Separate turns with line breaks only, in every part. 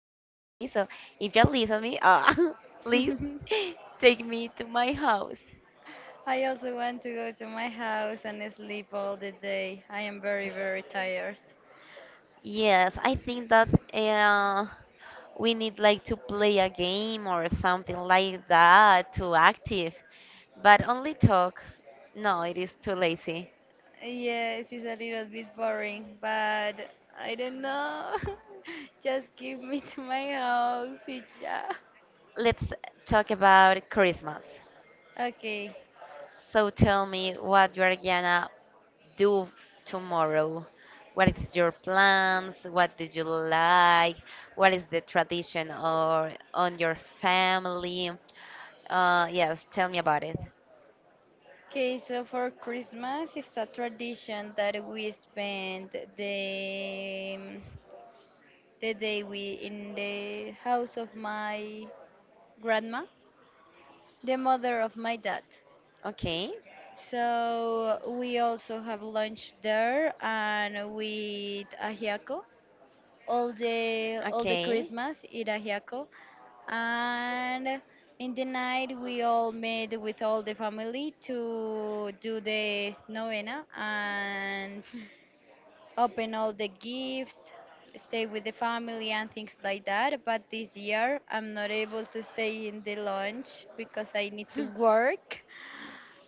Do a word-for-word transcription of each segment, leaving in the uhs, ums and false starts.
here. Okay, so if you listen me, uh, please take me to my house.
I also want to go to my house and sleep all the day. I am very, very tired.
Yes, I think that uh, we need like to play a game or something like that to active, but only talk. No, it is too lazy.
Yes, it's a little bit boring, but I don't know. Just give me to my house, y ya.
Let's talk about Christmas.
Okay.
So tell me what you are gonna do tomorrow? What is your plans? What do you like? What is the tradition or on your family? Uh, yes, tell me about it.
Okay, so for Christmas, it's a tradition that we spend the the day we in the house of my grandma, the mother of my dad.
Okay,
So we also have lunch there and we eat ajiaco. All the all the
okay.
Christmas eat ajiaco, and in the night we all met with all the family to do the novena and open all the gifts, stay with the family and things like that, but this year I'm not able to stay in the lunch because I need to work.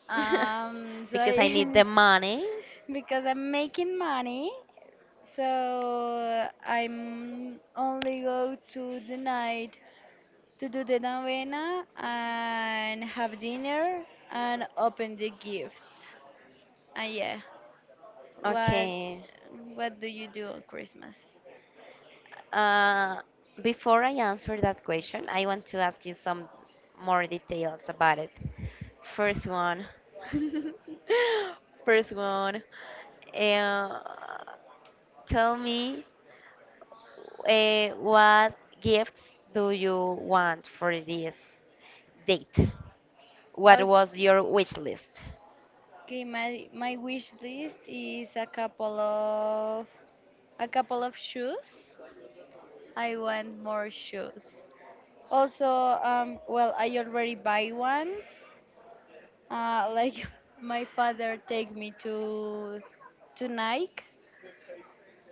Um, so
Because I need the
I,
money.
because I'm making money, so I'm only go to the night to do the novena and have dinner and open the gifts. And yeah, what
Okay.
what do you do on Christmas?
Uh, Before I answer that question, I want to ask you some more details about it. First one. First one. Uh, Tell me, uh, what gifts do you want for this date? What was
Okay.
your wish list?
Okay, my my wish list is a couple of a couple of shoes. I want more shoes. Also, um, well, I already buy ones. Uh, like my father take me to to Nike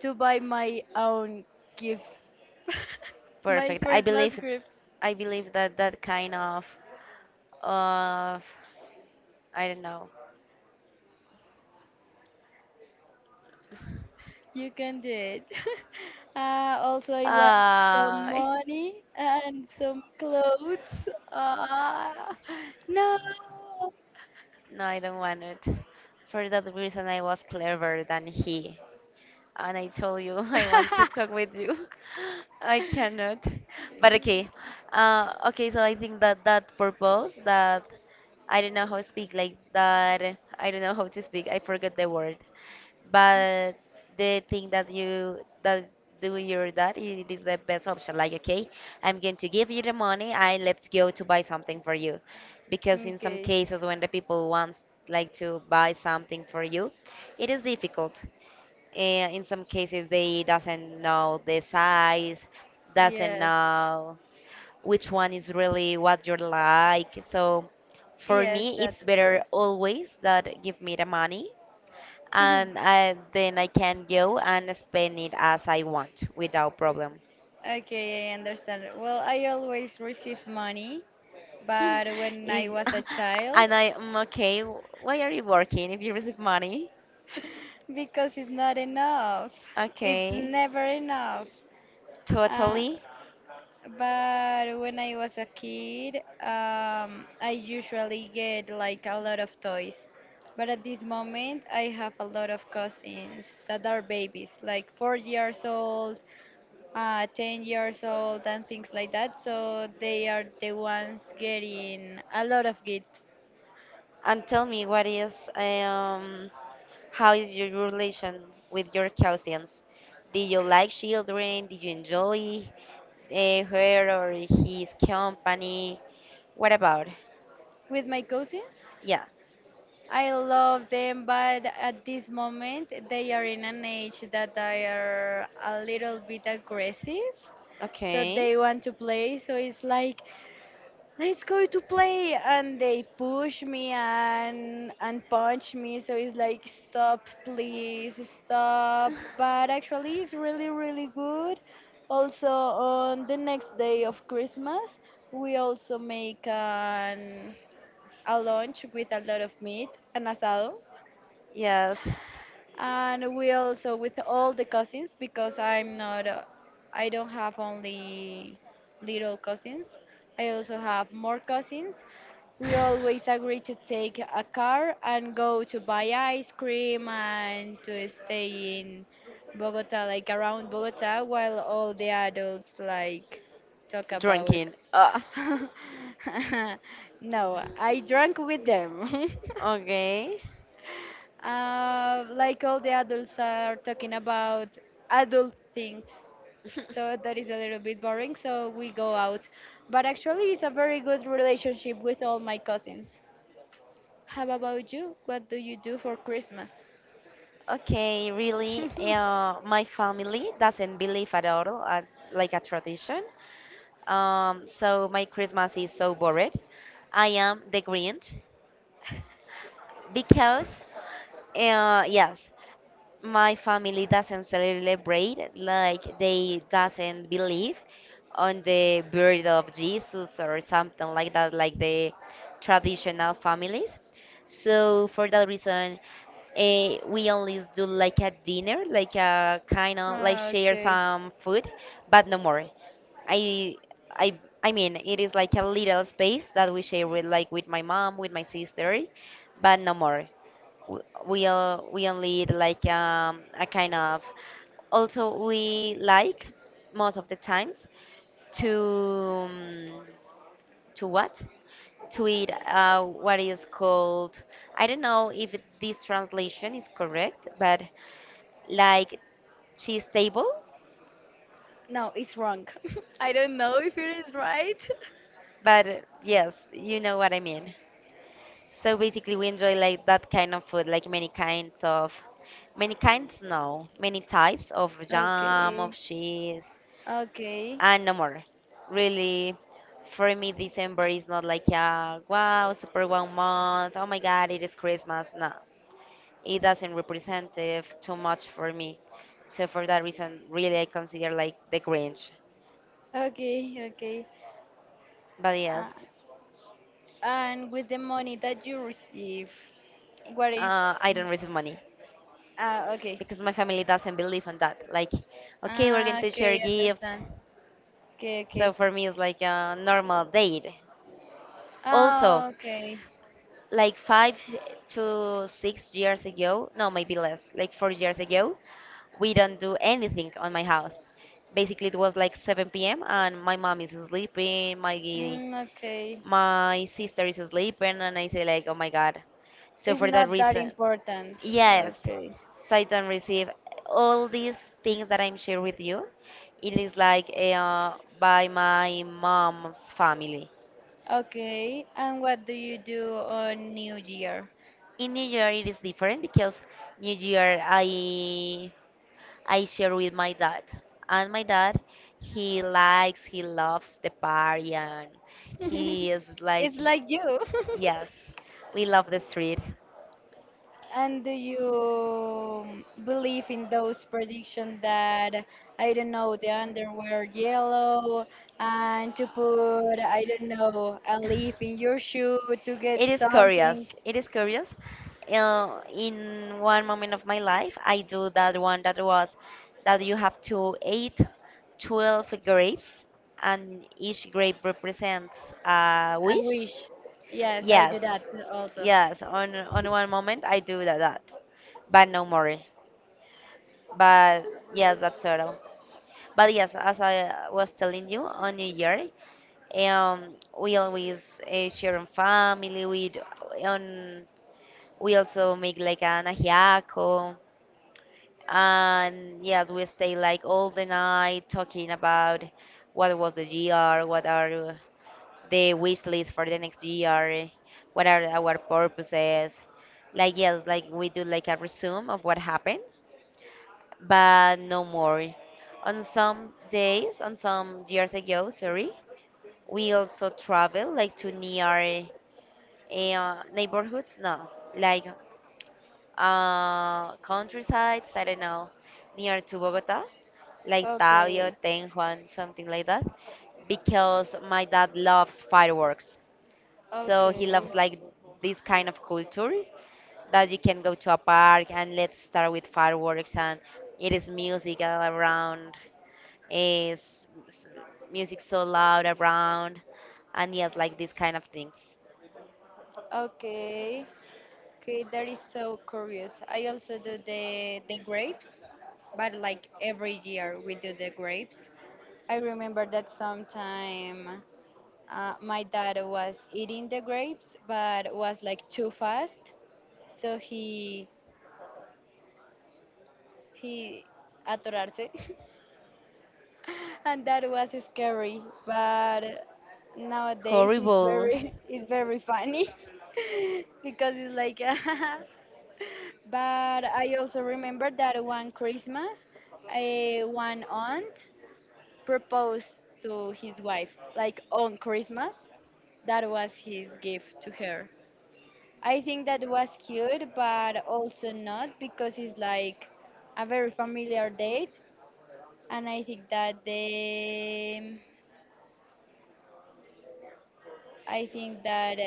to buy my own gift, my
Perfect. I
Christmas.
believe I believe that that kind of of I don't know.
You can do it. Uh, also, I want some
Uh,
money and some clothes. Uh, no.
no, I don't want it. For that reason, I was cleverer than he, and I told you I want to talk with you. I cannot. But okay. Uh, okay, so I think that that purpose that I don't know how to speak like that. I don't know how to speak. I forgot the word. But the thing that you that do your that it is the best option. Like okay, I'm going to give you the money and let's go to buy something for you, because in some
Okay.
cases when the people wants like to buy something for you, it is difficult uh, in some cases, they doesn't know the size, doesn't
Yes.
know which one is really what you like. So for
Yes,
me, it's
that's
better
true.
always that give me the money, and I, then I can go and spend it as I want without problem.
Okay, I understand. Well, I always receive money, but when I
Is-
was a child,
and I am okay. Why are you working if you receive money?
because it's not enough. It's
Okay,
never enough. Uh,
totally.
but when I was a kid, um, I usually get like a lot of toys. But at this moment, I have a lot of cousins that are babies, like four years old, uh, ten years old, and things like that. So they are the ones getting a lot of gifts.
And tell me, what is um how is your relation with your cousins? Did you like children? Did you enjoy uh, her or his company? What about?
With my cousins,
Yeah.
I love them, but at this moment they are in an age that they are a little bit aggressive. So
Okay.
they want to play. So it's like, let's go to play, and they push me and and punch me. So it's like, stop, please, stop. But actually, it's really really good. Also, on the next day of Christmas, we also make an a lunch with a lot of meat, an asado,
Yes.
and we also with all the cousins because I'm not, uh, I don't have only little cousins. I also have more cousins. We always agree to take a car and go to buy ice cream and to stay in Bogota, like around Bogota, while all the adults like talk about.
Drinking. Uh,
No, I drank with them.
okay.
Uh, like all the adults are talking about adult things. So that is a little bit boring, so we go out. But actually, it's a very good relationship with all my cousins. How about you? What do you do for Christmas?
Okay, really, uh, my family doesn't believe at all, at, like a tradition. Um, so my Christmas is so boring. I am the Grinch because, uh, yes, my family doesn't celebrate like they doesn't believe on the birth of Jesus or something like that like the traditional families, so for that reason eh, we only do like a dinner, like a kind of like
Ah,
share
okay.
some food, but no more. I i i mean it is like a little space that we share with, like, with my mom, with my sister, but no more. W- we all we only need like um, a kind of, also we like most of the times to um, to what, to eat uh, what is called, I don't know if it- this translation is correct, but like cheese table,
No, it's wrong. I don't know if it is right.
but uh, yes, you know what I mean. So basically we enjoy like that kind of food, like many kinds of, many kinds no many types of jam, of
Okay.
cheese,
Okay.
and no more. Really, for me, December is not like a wow, super one month. Oh my God, it is Christmas. No, it doesn't represent too much for me. So for that reason, really, I consider like the Grinch.
Okay. Okay.
But
Uh,
yes,
and with the money that you receive, what is?
uh, I don't receive money
Ah, okay.
because my family doesn't believe on that. Like, okay, we're going
Ah,
to share
okay,
gifts.
understand. Okay, okay.
So for me, it's like a normal date. Also,
Ah, okay.
like five to six years ago, no, maybe less, like four years ago, we don't do anything on my house. Basically, it was like seven p m and my mom is sleeping, my
Mm, okay.
my sister is sleeping, and I say like, oh my god. So
It's
for that
not that
reason,
important.
yes,
Okay.
so I don't receive all these things that I'm sharing with you. It is like eh, uh, by my mom's family.
Okay, and what do you do on New Year?
In New Year it is different because New Year I I share with my dad. And my dad, he likes, he loves the party and he is like,
It's like you.
yes, we love the street.
And do you believe in those predictions that I don't know, the underwear yellow, and to put, I don't know, a leaf in your shoe to get
It is
something?
curious. It is curious. Uh, in one moment of my life, I do that one that was that you have to eat twelve grapes, and each grape represents a
I
wish.
wish. Yes, I
Yes,
do that also.
yes. On on one moment, I do that, that, but no more. But yes, that's all. But yes, as I was telling you, on New Year, um, we always uh, share on family, we d- on we also make like an ajiaco. And yes, we stay like all the night talking about what was the year, what are the wish list for the next year, what are our purposes. Like, yes, like we do like a resume of what happened, but no more. On some days, on some years ago, sorry, we also travel like to near uh, neighborhoods. No, like uh, countryside, I don't know, near to Bogota, like Tabio,
Okay.
Ten Juan, something like that, because my dad loves fireworks. So he
Okay.
loves like this kind of culture that you can go to a park and let's start with fireworks and it is music all around, is s- music so loud around, and yes, like these kind of things.
Okay. Okay, that is so curious. I also do the the grapes, but like every year we do the grapes. I remember that sometime. Uh, my dad was eating the grapes, but was like too fast, so he he atorarse, and that was scary. But nowadays it's
Horrible.
very it's very funny because it's like. But I also remember that one Christmas, a one aunt proposed to his wife like on Christmas. That was his gift to her. I think that was cute, but also not because it's like a very familiar date, and I think that the I think that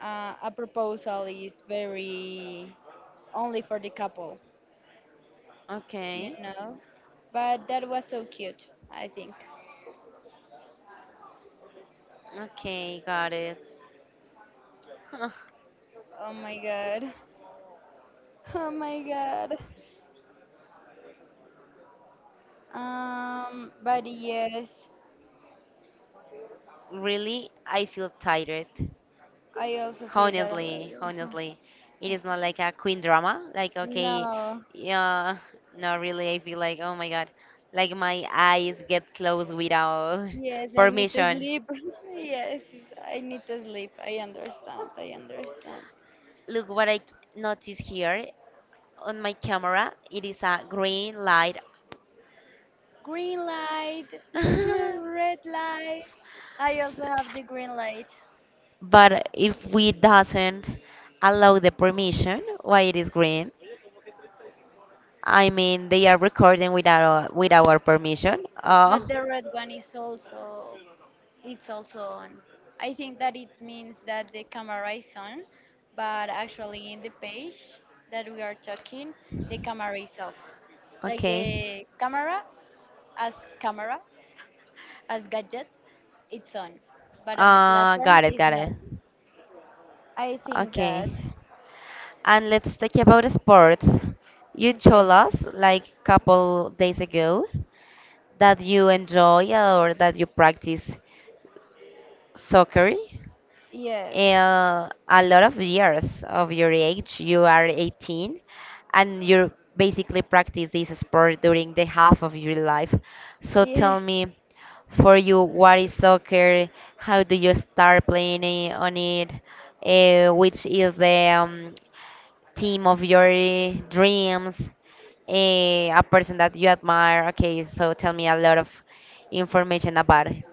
uh, a proposal is very only for the couple, you
Okay.
know. But that was so cute, I think.
Okay, got it. Huh.
Oh my God. Oh my God. Um, but yes,
Really, I feel tired.
I also feel that a
Honestly,
lot.
honestly, it is not like a queen drama. Like, okay,
No.
yeah, no, really, I feel like, oh my God, like my eyes get closed without
Yes, I need to
permission.
sleep. Yes, I need to sleep. I understand. I understand.
Look what I noticed here on my camera. It is a green light.
Green light, red light. I also have the green light,
But if we doesn't allow the permission, why it is green? I mean, they are recording without our, with our permission.
but
Oh,
the red one is also, it's also on. I think that it means that the camera is on, but actually in the page that we are talking, the camera is off. Like
okay.
the camera as camera as gadget, it's on, but on the
Uh,
platform
got it,
is
got
not.
it.
I think
Okay.
that.
And let's talk about sports. You
Okay.
told us like couple days ago that you enjoy or that you practice soccer,
Yes.
uh, a lot of years of your age. You are eighteen and you basically practice this sport during the half of your life. So tell
Yes.
me, for you, what is soccer? How do you start playing i- on it? Uh, which is the um, team of your uh, dreams? Uh, a person that you admire? Okay, so tell me a lot of information about it.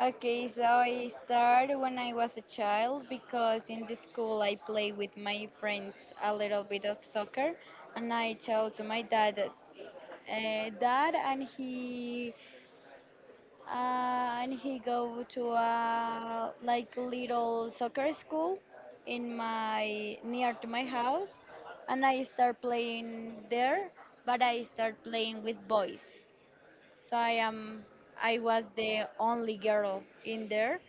Okay, so I started when I was a child because in the school I play with my friends a little bit of soccer, and I tell to my dad, uh, dad, and he uh, and he go to a like little soccer school in my, near to my house, and I start playing there, but I start playing with boys. So I am I was the only girl in there,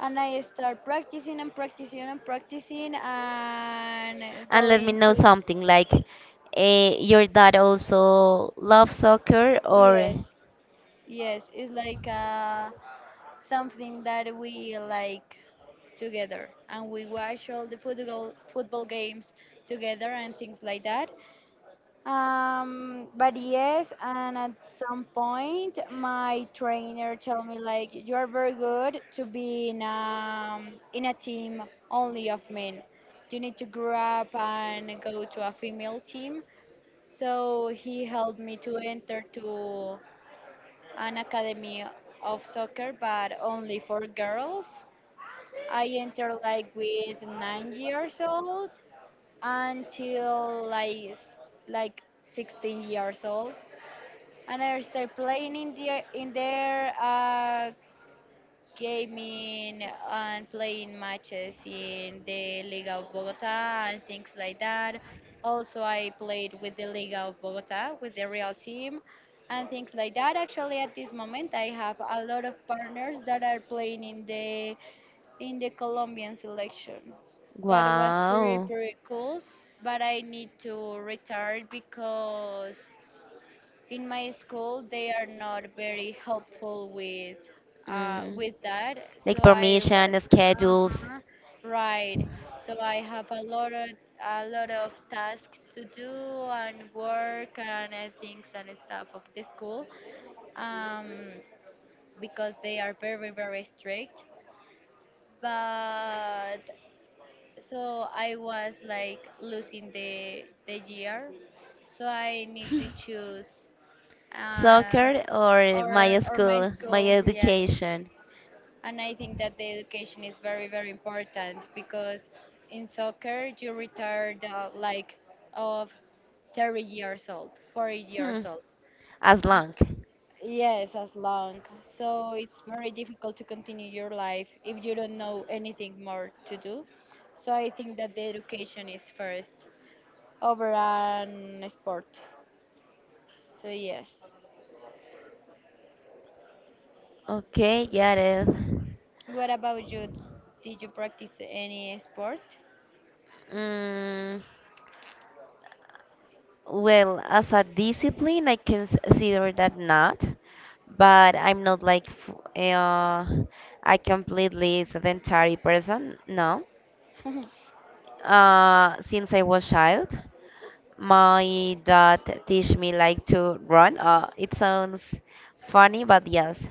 and I start practicing and practicing and practicing and
And let me
going
know
to.
something like eh, your dad also loves soccer or
Yes, yes, it's like uh, something that we like together, and we watch all the football football games together and things like that. Um, but yes, and at some point, my trainer told me like, you are very good to be in um in a team only of men. You need to grow up and go to a female team. So he helped me to enter to an academy of soccer, but only for girls. I entered like with nine years old until like s- like sixteen years old, and I start playing in the in their uh, gaming and playing matches in the Liga of Bogota and things like that. Also, I played with the Liga of Bogota with the real team and things like that. Actually, at this moment, I have a lot of partners that are playing in the in the Colombian selection, but it was pretty
wow.
pretty cool. But I need to retire because in my school they are not very helpful with, uh,
Mm.
with that,
Like
so I was.
permission, schedules,
Uh-huh, right. So I have a lot of a lot of tasks to do and work and uh, things and stuff of the school, um, because they are very very strict. But so I was like losing the the year, so I need to choose, uh,
soccer or
or
my
or my
school, my
school, yeah.
education.
And I think that the education is very very important because in soccer you retire the, like, of thirty years old, forty
Hmm.
years old.
As
uh,
long.
yes, as long, so it's very difficult to continue your life if you don't know anything more to do, so I think that the education is first over an sport, so yes.
Okay, got it.
What about you? Did you practice any sport?
Mm, well, as a discipline, I can s- consider that not, but I'm not like f- uh, a completely sedentary person. No, uh, since I was child, my dad teach me like to run. Uh, it sounds funny, but yes,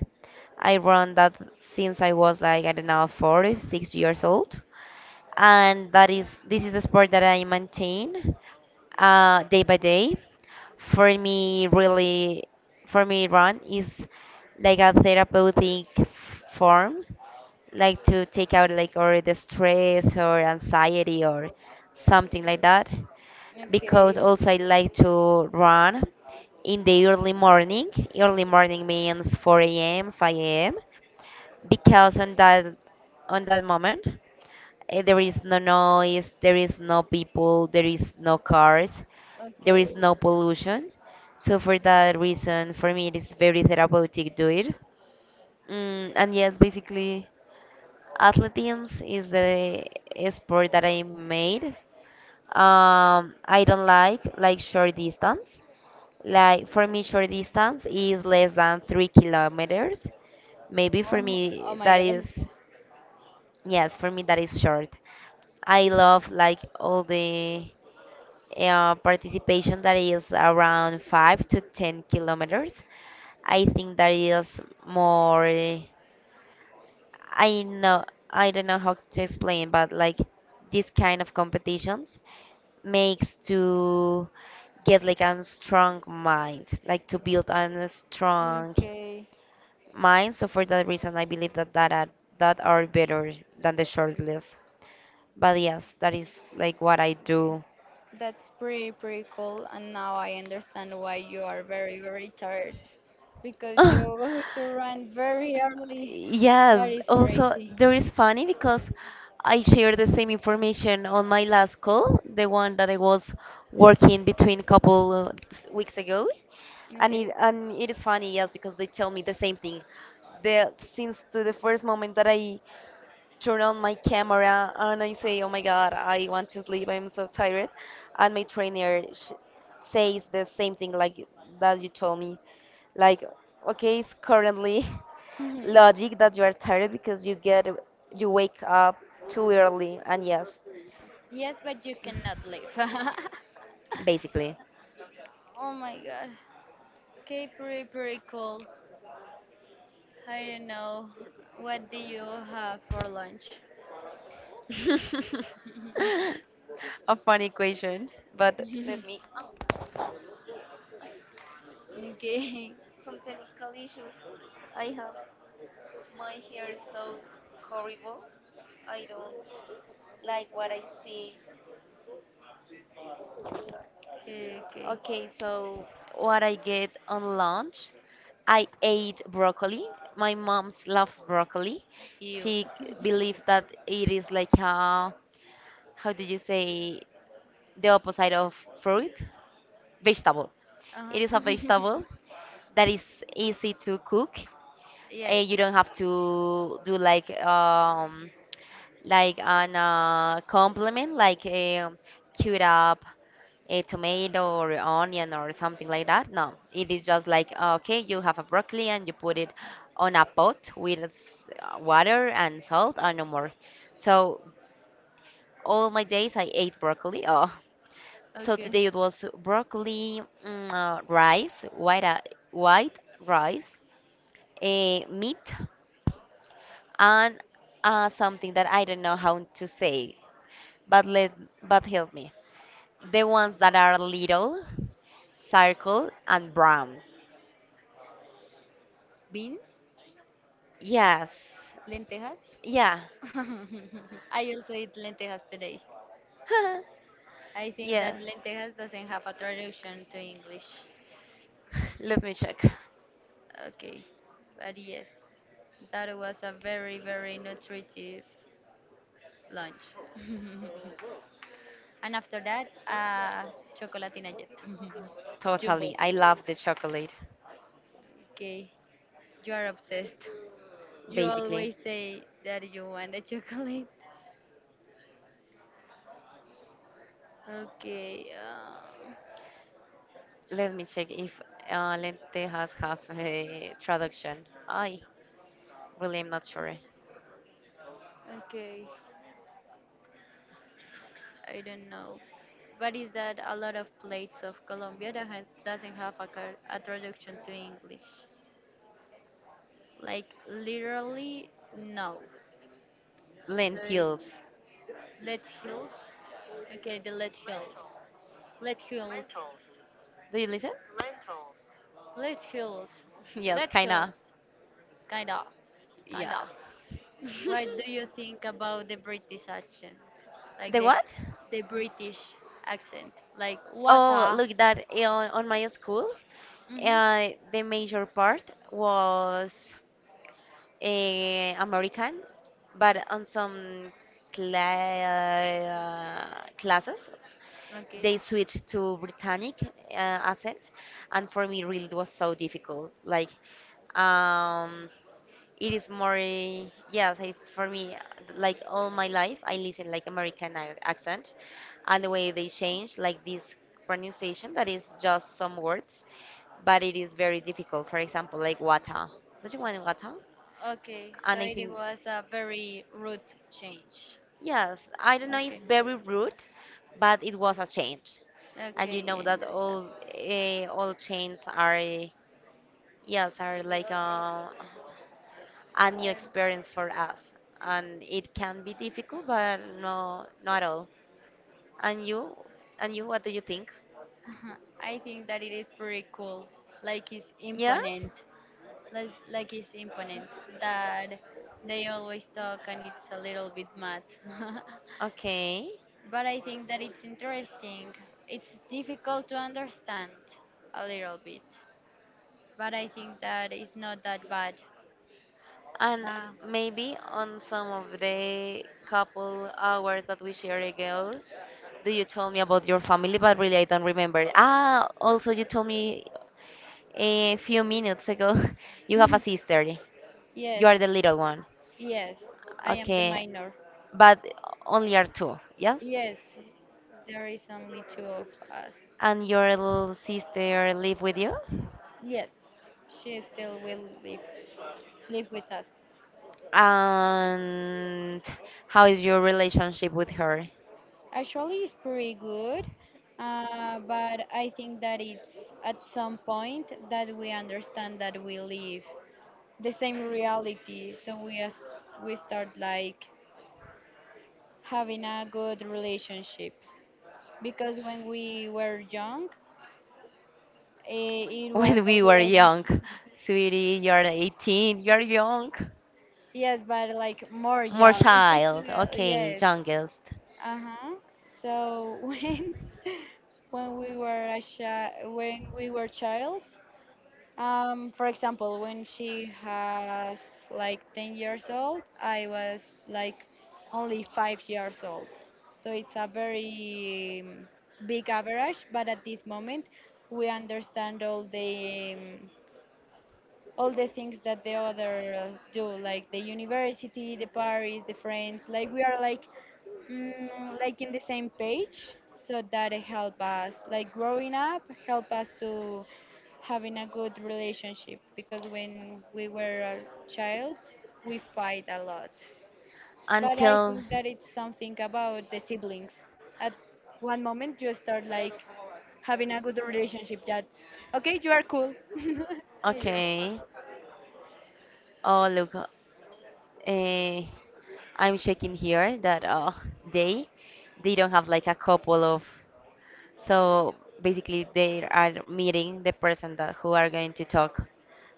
I run that since I was like I don't know four, six years old, and that is this is a sport that I maintain uh, day by day. For me, really, for me, run is like a therapeutic f- form, like to take out like or the stress or anxiety or something like that. Because
Okay,
also I like to run in the early morning. Early morning means four a m, five a m. Because on that on that moment. Eh, There is no noise, there is no people, there is no cars, there is
okay.
no pollution. So for that reason, for me, it is very therapeutic do it. Mm, and yes, basically, athletics is the sport that I made. Um, I don't like like short distance. Like for me, short distance is less than three kilometers. Maybe for
Oh, oh
me
my
that
God.
is, yes, for me that is short. I love like all the uh, participation that is around five to ten kilometers. I think that is more. I know I don't know how to explain, but like this kind of competitions makes to get like a strong mind, like to build a strong
Okay,
mind. So for that reason, I believe that that are, that are better than the short list. But yes, that is like what I
okay.
do.
That's pretty, pretty cool. And now I understand why you are very, very tired because you
Oh,
go to run very early.
yes,
That is
also
crazy.
there is funny because I shared the same information on my last call, the one that I was working between a couple uh, s- weeks ago, and it
Okay.
and it is funny, yes, because they tell me the same thing. The since to the first moment that I turn on my camera and I say, "Oh my God, I want to sleep. I'm so tired," and my trainer sh says the same thing like that you told me, like, "Okay, it's currently."
Mhm.
Logic that you are tired because you get you wake up too early and yes,
Yes, but you cannot leave.
basically.
Oh my God. Okay, pretty, pretty cool. I don't know. What do you have for lunch?
A funny question, but let me,
Okay,
some technical issues. I have, my hair is so horrible. I don't like what I see.
okay, okay.
Okay, so what I get on lunch, I ate broccoli. My mom loves broccoli.
You.
She believes that it is like a how do you say the opposite of fruit? Vegetable. It is a
Uh-huh.
vegetable that is easy to cook.
Yes.
And you don't have to do like um like an uh, complement like a cut up a tomato or onion or something like that. No, it is just like okay, you have a broccoli and you put it on a pot with uh, water and salt and no more. So all my days I ate broccoli. Oh, so today
Okay.
it was broccoli, mm, uh, rice, white, uh, white rice, eh, meat, and uh, something that I don't know how to say, but let but help me. The ones that are little, circle, and brown.
Beans?
Yes,
Lentejas?
yeah.
I also eat lentejas today. I think
Yeah.
that lentejas doesn't have a traduction to English.
Let me check.
Okay. But yes, that was a very, very nutritive lunch. And after that, uh, chocolatina jet.
Totally,
Jumbo.
I love the chocolate.
Okay, you are obsessed. You
Basically,
always say that you want a chocolate. Okay, uh,
let me check if uh, lentejas have a traduction. Ay. Really, I'm not sure.
okay. I don't know. But is that a lot of plates of Colombia that has, doesn't have a, car, a traduction to English? Like literally, no. So it's
Lentils.
Let Hills. Okay, the Let Hills. Let Hills.
Do you listen?
Let Hills.
Yes,
Let
kinda.
Hills. Kinda.
Yes.
Kinda. What do you think about the British accent? Like
The
the
what?
the British accent. Like what?
Oh, look that eh, on, on my school,
Mhm.
uh, the major part was uh, American, but on some cla uh, classes
Okay.
they switched to Britannic uh, accent, and for me really it was so difficult. Like, um, It is more, eh, yes, I, for me, like all my life, I listen like American ac- accent, and the way they change, like this pronunciation, that is just some words, but it is very difficult. For example, like water. Don't you want water?
Okay. So
And I
it
think,
was a very rude change.
yes, I don't know if
Okay.
very rude, but it was a change, and
Okay,
you know
I
that
understand.
all uh, all chains are, eh, yes, are like uh, a new experience for us. And it can be difficult, but no, not at all. And you, and you, what do you think?
Uh-huh. I think that it is pretty cool. Like it's
Yes?
imponent. Like, like it's imponent that they always talk and it's a little bit mad.
Okay.
But I think that it's interesting. It's difficult to understand a little bit, but I think that it's not that bad.
And
Ah,
maybe on some of the couple hours that we shared ago, do you tell me about your family? But really, I don't remember. Ah, also, you told me a few minutes ago you have a sister. You
yes.
are the little one.
Yes, I am the
Okay.
minor.
But only are two, yes?
Yes, there is only two of us.
And your little sister live with you?
Yes, she still will live live with us.
And how is your relationship with her?
Actually, it's pretty good, uh, but I think that it's at some point that we understand that we live the same reality, so we as we start like having a good relationship because when we were young, eh, it was
When we
a
were
little.
young, sweetie, you're eighteen, you're young.
Yes, but like more
More
young.
child, okay,
Yes.
youngest.
Uh-huh. So when when we were a chi- when we were childs. Um, for example, when she has like ten years old, I was like only five years old. So it's a very um, big average, but at this moment we understand all the um, all the things that the other uh, do, like the university, the Paris, the friends. Like we are like mm, like in the same page, so that it help us like growing up, help us to having a good relationship because when we were a child we fight a lot. But I
Until,
think that it's something about the siblings. At one moment you start like having a good relationship that okay you are cool. Yeah.
okay. Oh, look, eh, I'm checking here that uh, they they don't have like a couple of. So basically, they are meeting the person that who are going to talk.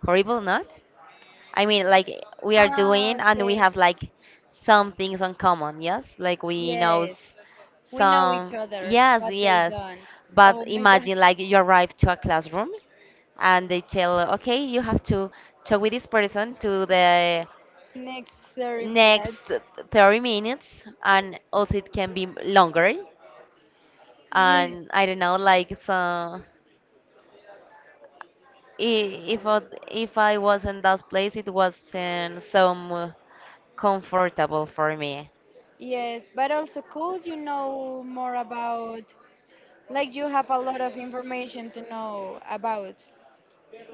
Horrible, not? I mean, like we are
Ah,
doing, and we
okay.
have like some things in common. Yes, like we know
Yes.
s-
We know each
some.
other,
Yes,
but they
yes.
don't.
But
Oh my God.
imagine like you arrive to a classroom and they tell, okay, you have to talk with this person to the
Next thirty
next
minutes.
thirty minutes, and also it can be longer.
Yes,
And I don't know, like so. I- If I, if I was in that place, it wasn't so mu- comfortable for me.
yes, but also could you know more about, like you have a lot of information to know about,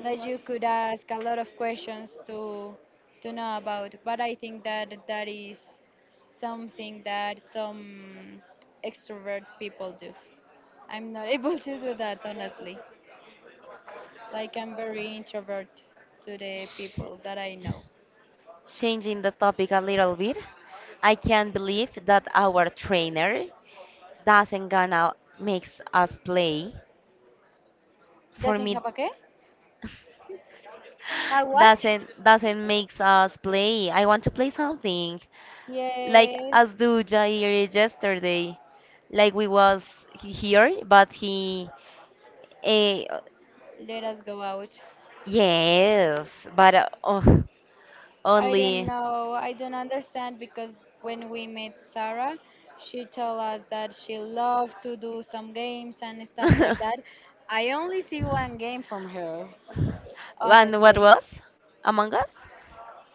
like you could ask a lot of questions to to know about, but I think that that is something that some extrovert people do. I'm not able to do that, honestly. Like I'm very introvert to the
Sh
people that I know.
Changing the topic a little bit, I can't believe that our trainer doesn't gonna makes us play. For
Doesn't
me,
have a qué? A what?
doesn't doesn't makes us play. I want to play something like
Yes.
as do Jair yesterday. Like we was he- here, but he. eh,
Let us go out.
Yes, but uh, oh,
I don't
only.
know. I don't understand because when we met Sarah, she told us that she loved to do some games and stuff like that. I only see one game from her,
And what
honestly.
was? Among Us?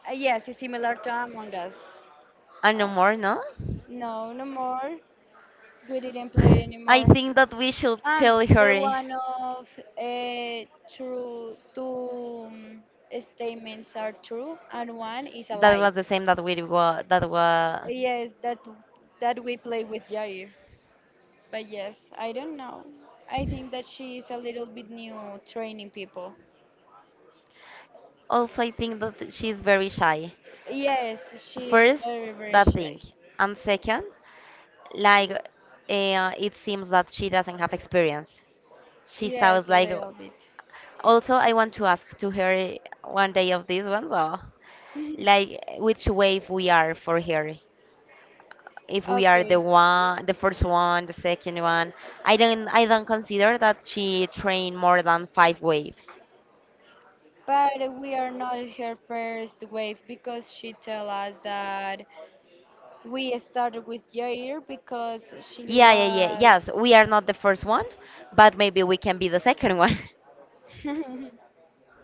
Uh, yes, it's similar to Among Us.
And no
Uh,
more, no?
no, no more. We didn't play
I
anymore.
think that we should
Um,
tell
the
her
one of uh, true two um, statements are true and one is a
that
lie.
was the same that we were. That was.
Yes, that that we play with Jair. But yes, I don't know. I think that she is a little bit new training people.
Also, I think that she's very shy.
Yes, she is
First,
very very
that
shy.
thing. And second, like, uh, it seems that she doesn't have experience. She sounds
Yes, a
like.
little bit.
Also, I want to ask to her one day of these ones. Oh. Like which wave we are for here, if we are
Okay,
the one, the first one, the second one. I don't i don't consider that she trained more than five waves.
but we are not her first wave because she tell us that we started with Jair because she
Yeah, yeah, yeah,
was.
yes, we are not the first one, but maybe we can be the second one.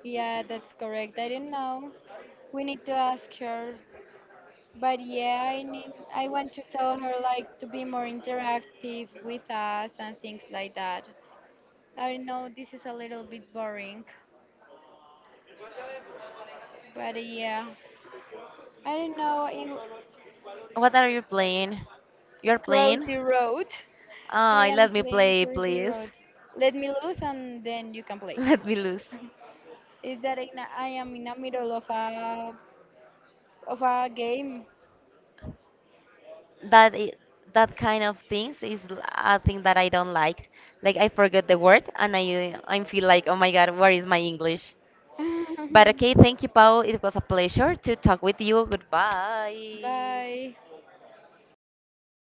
Yeah, that's correct. I didn't know. We need to ask her. But yeah, I need I want to tell her like to be more interactive with us and things like that. I know this is a little bit boring, but yeah, I don't know. In
What are you playing? You're playing.
Crossy Road. I
Ah,
am
let me
playing
play
Crossy
please.
Road. Let me lose and then you can play.
Let me lose.
Is that in a, I am in the middle of a of a game.
that i that kind of things is l- a thing that I don't like. Like I forget the word and I I feel like oh my god, where is my English? But okay, thank you, Paul. It was a pleasure to talk with you. Goodbye.
Bye.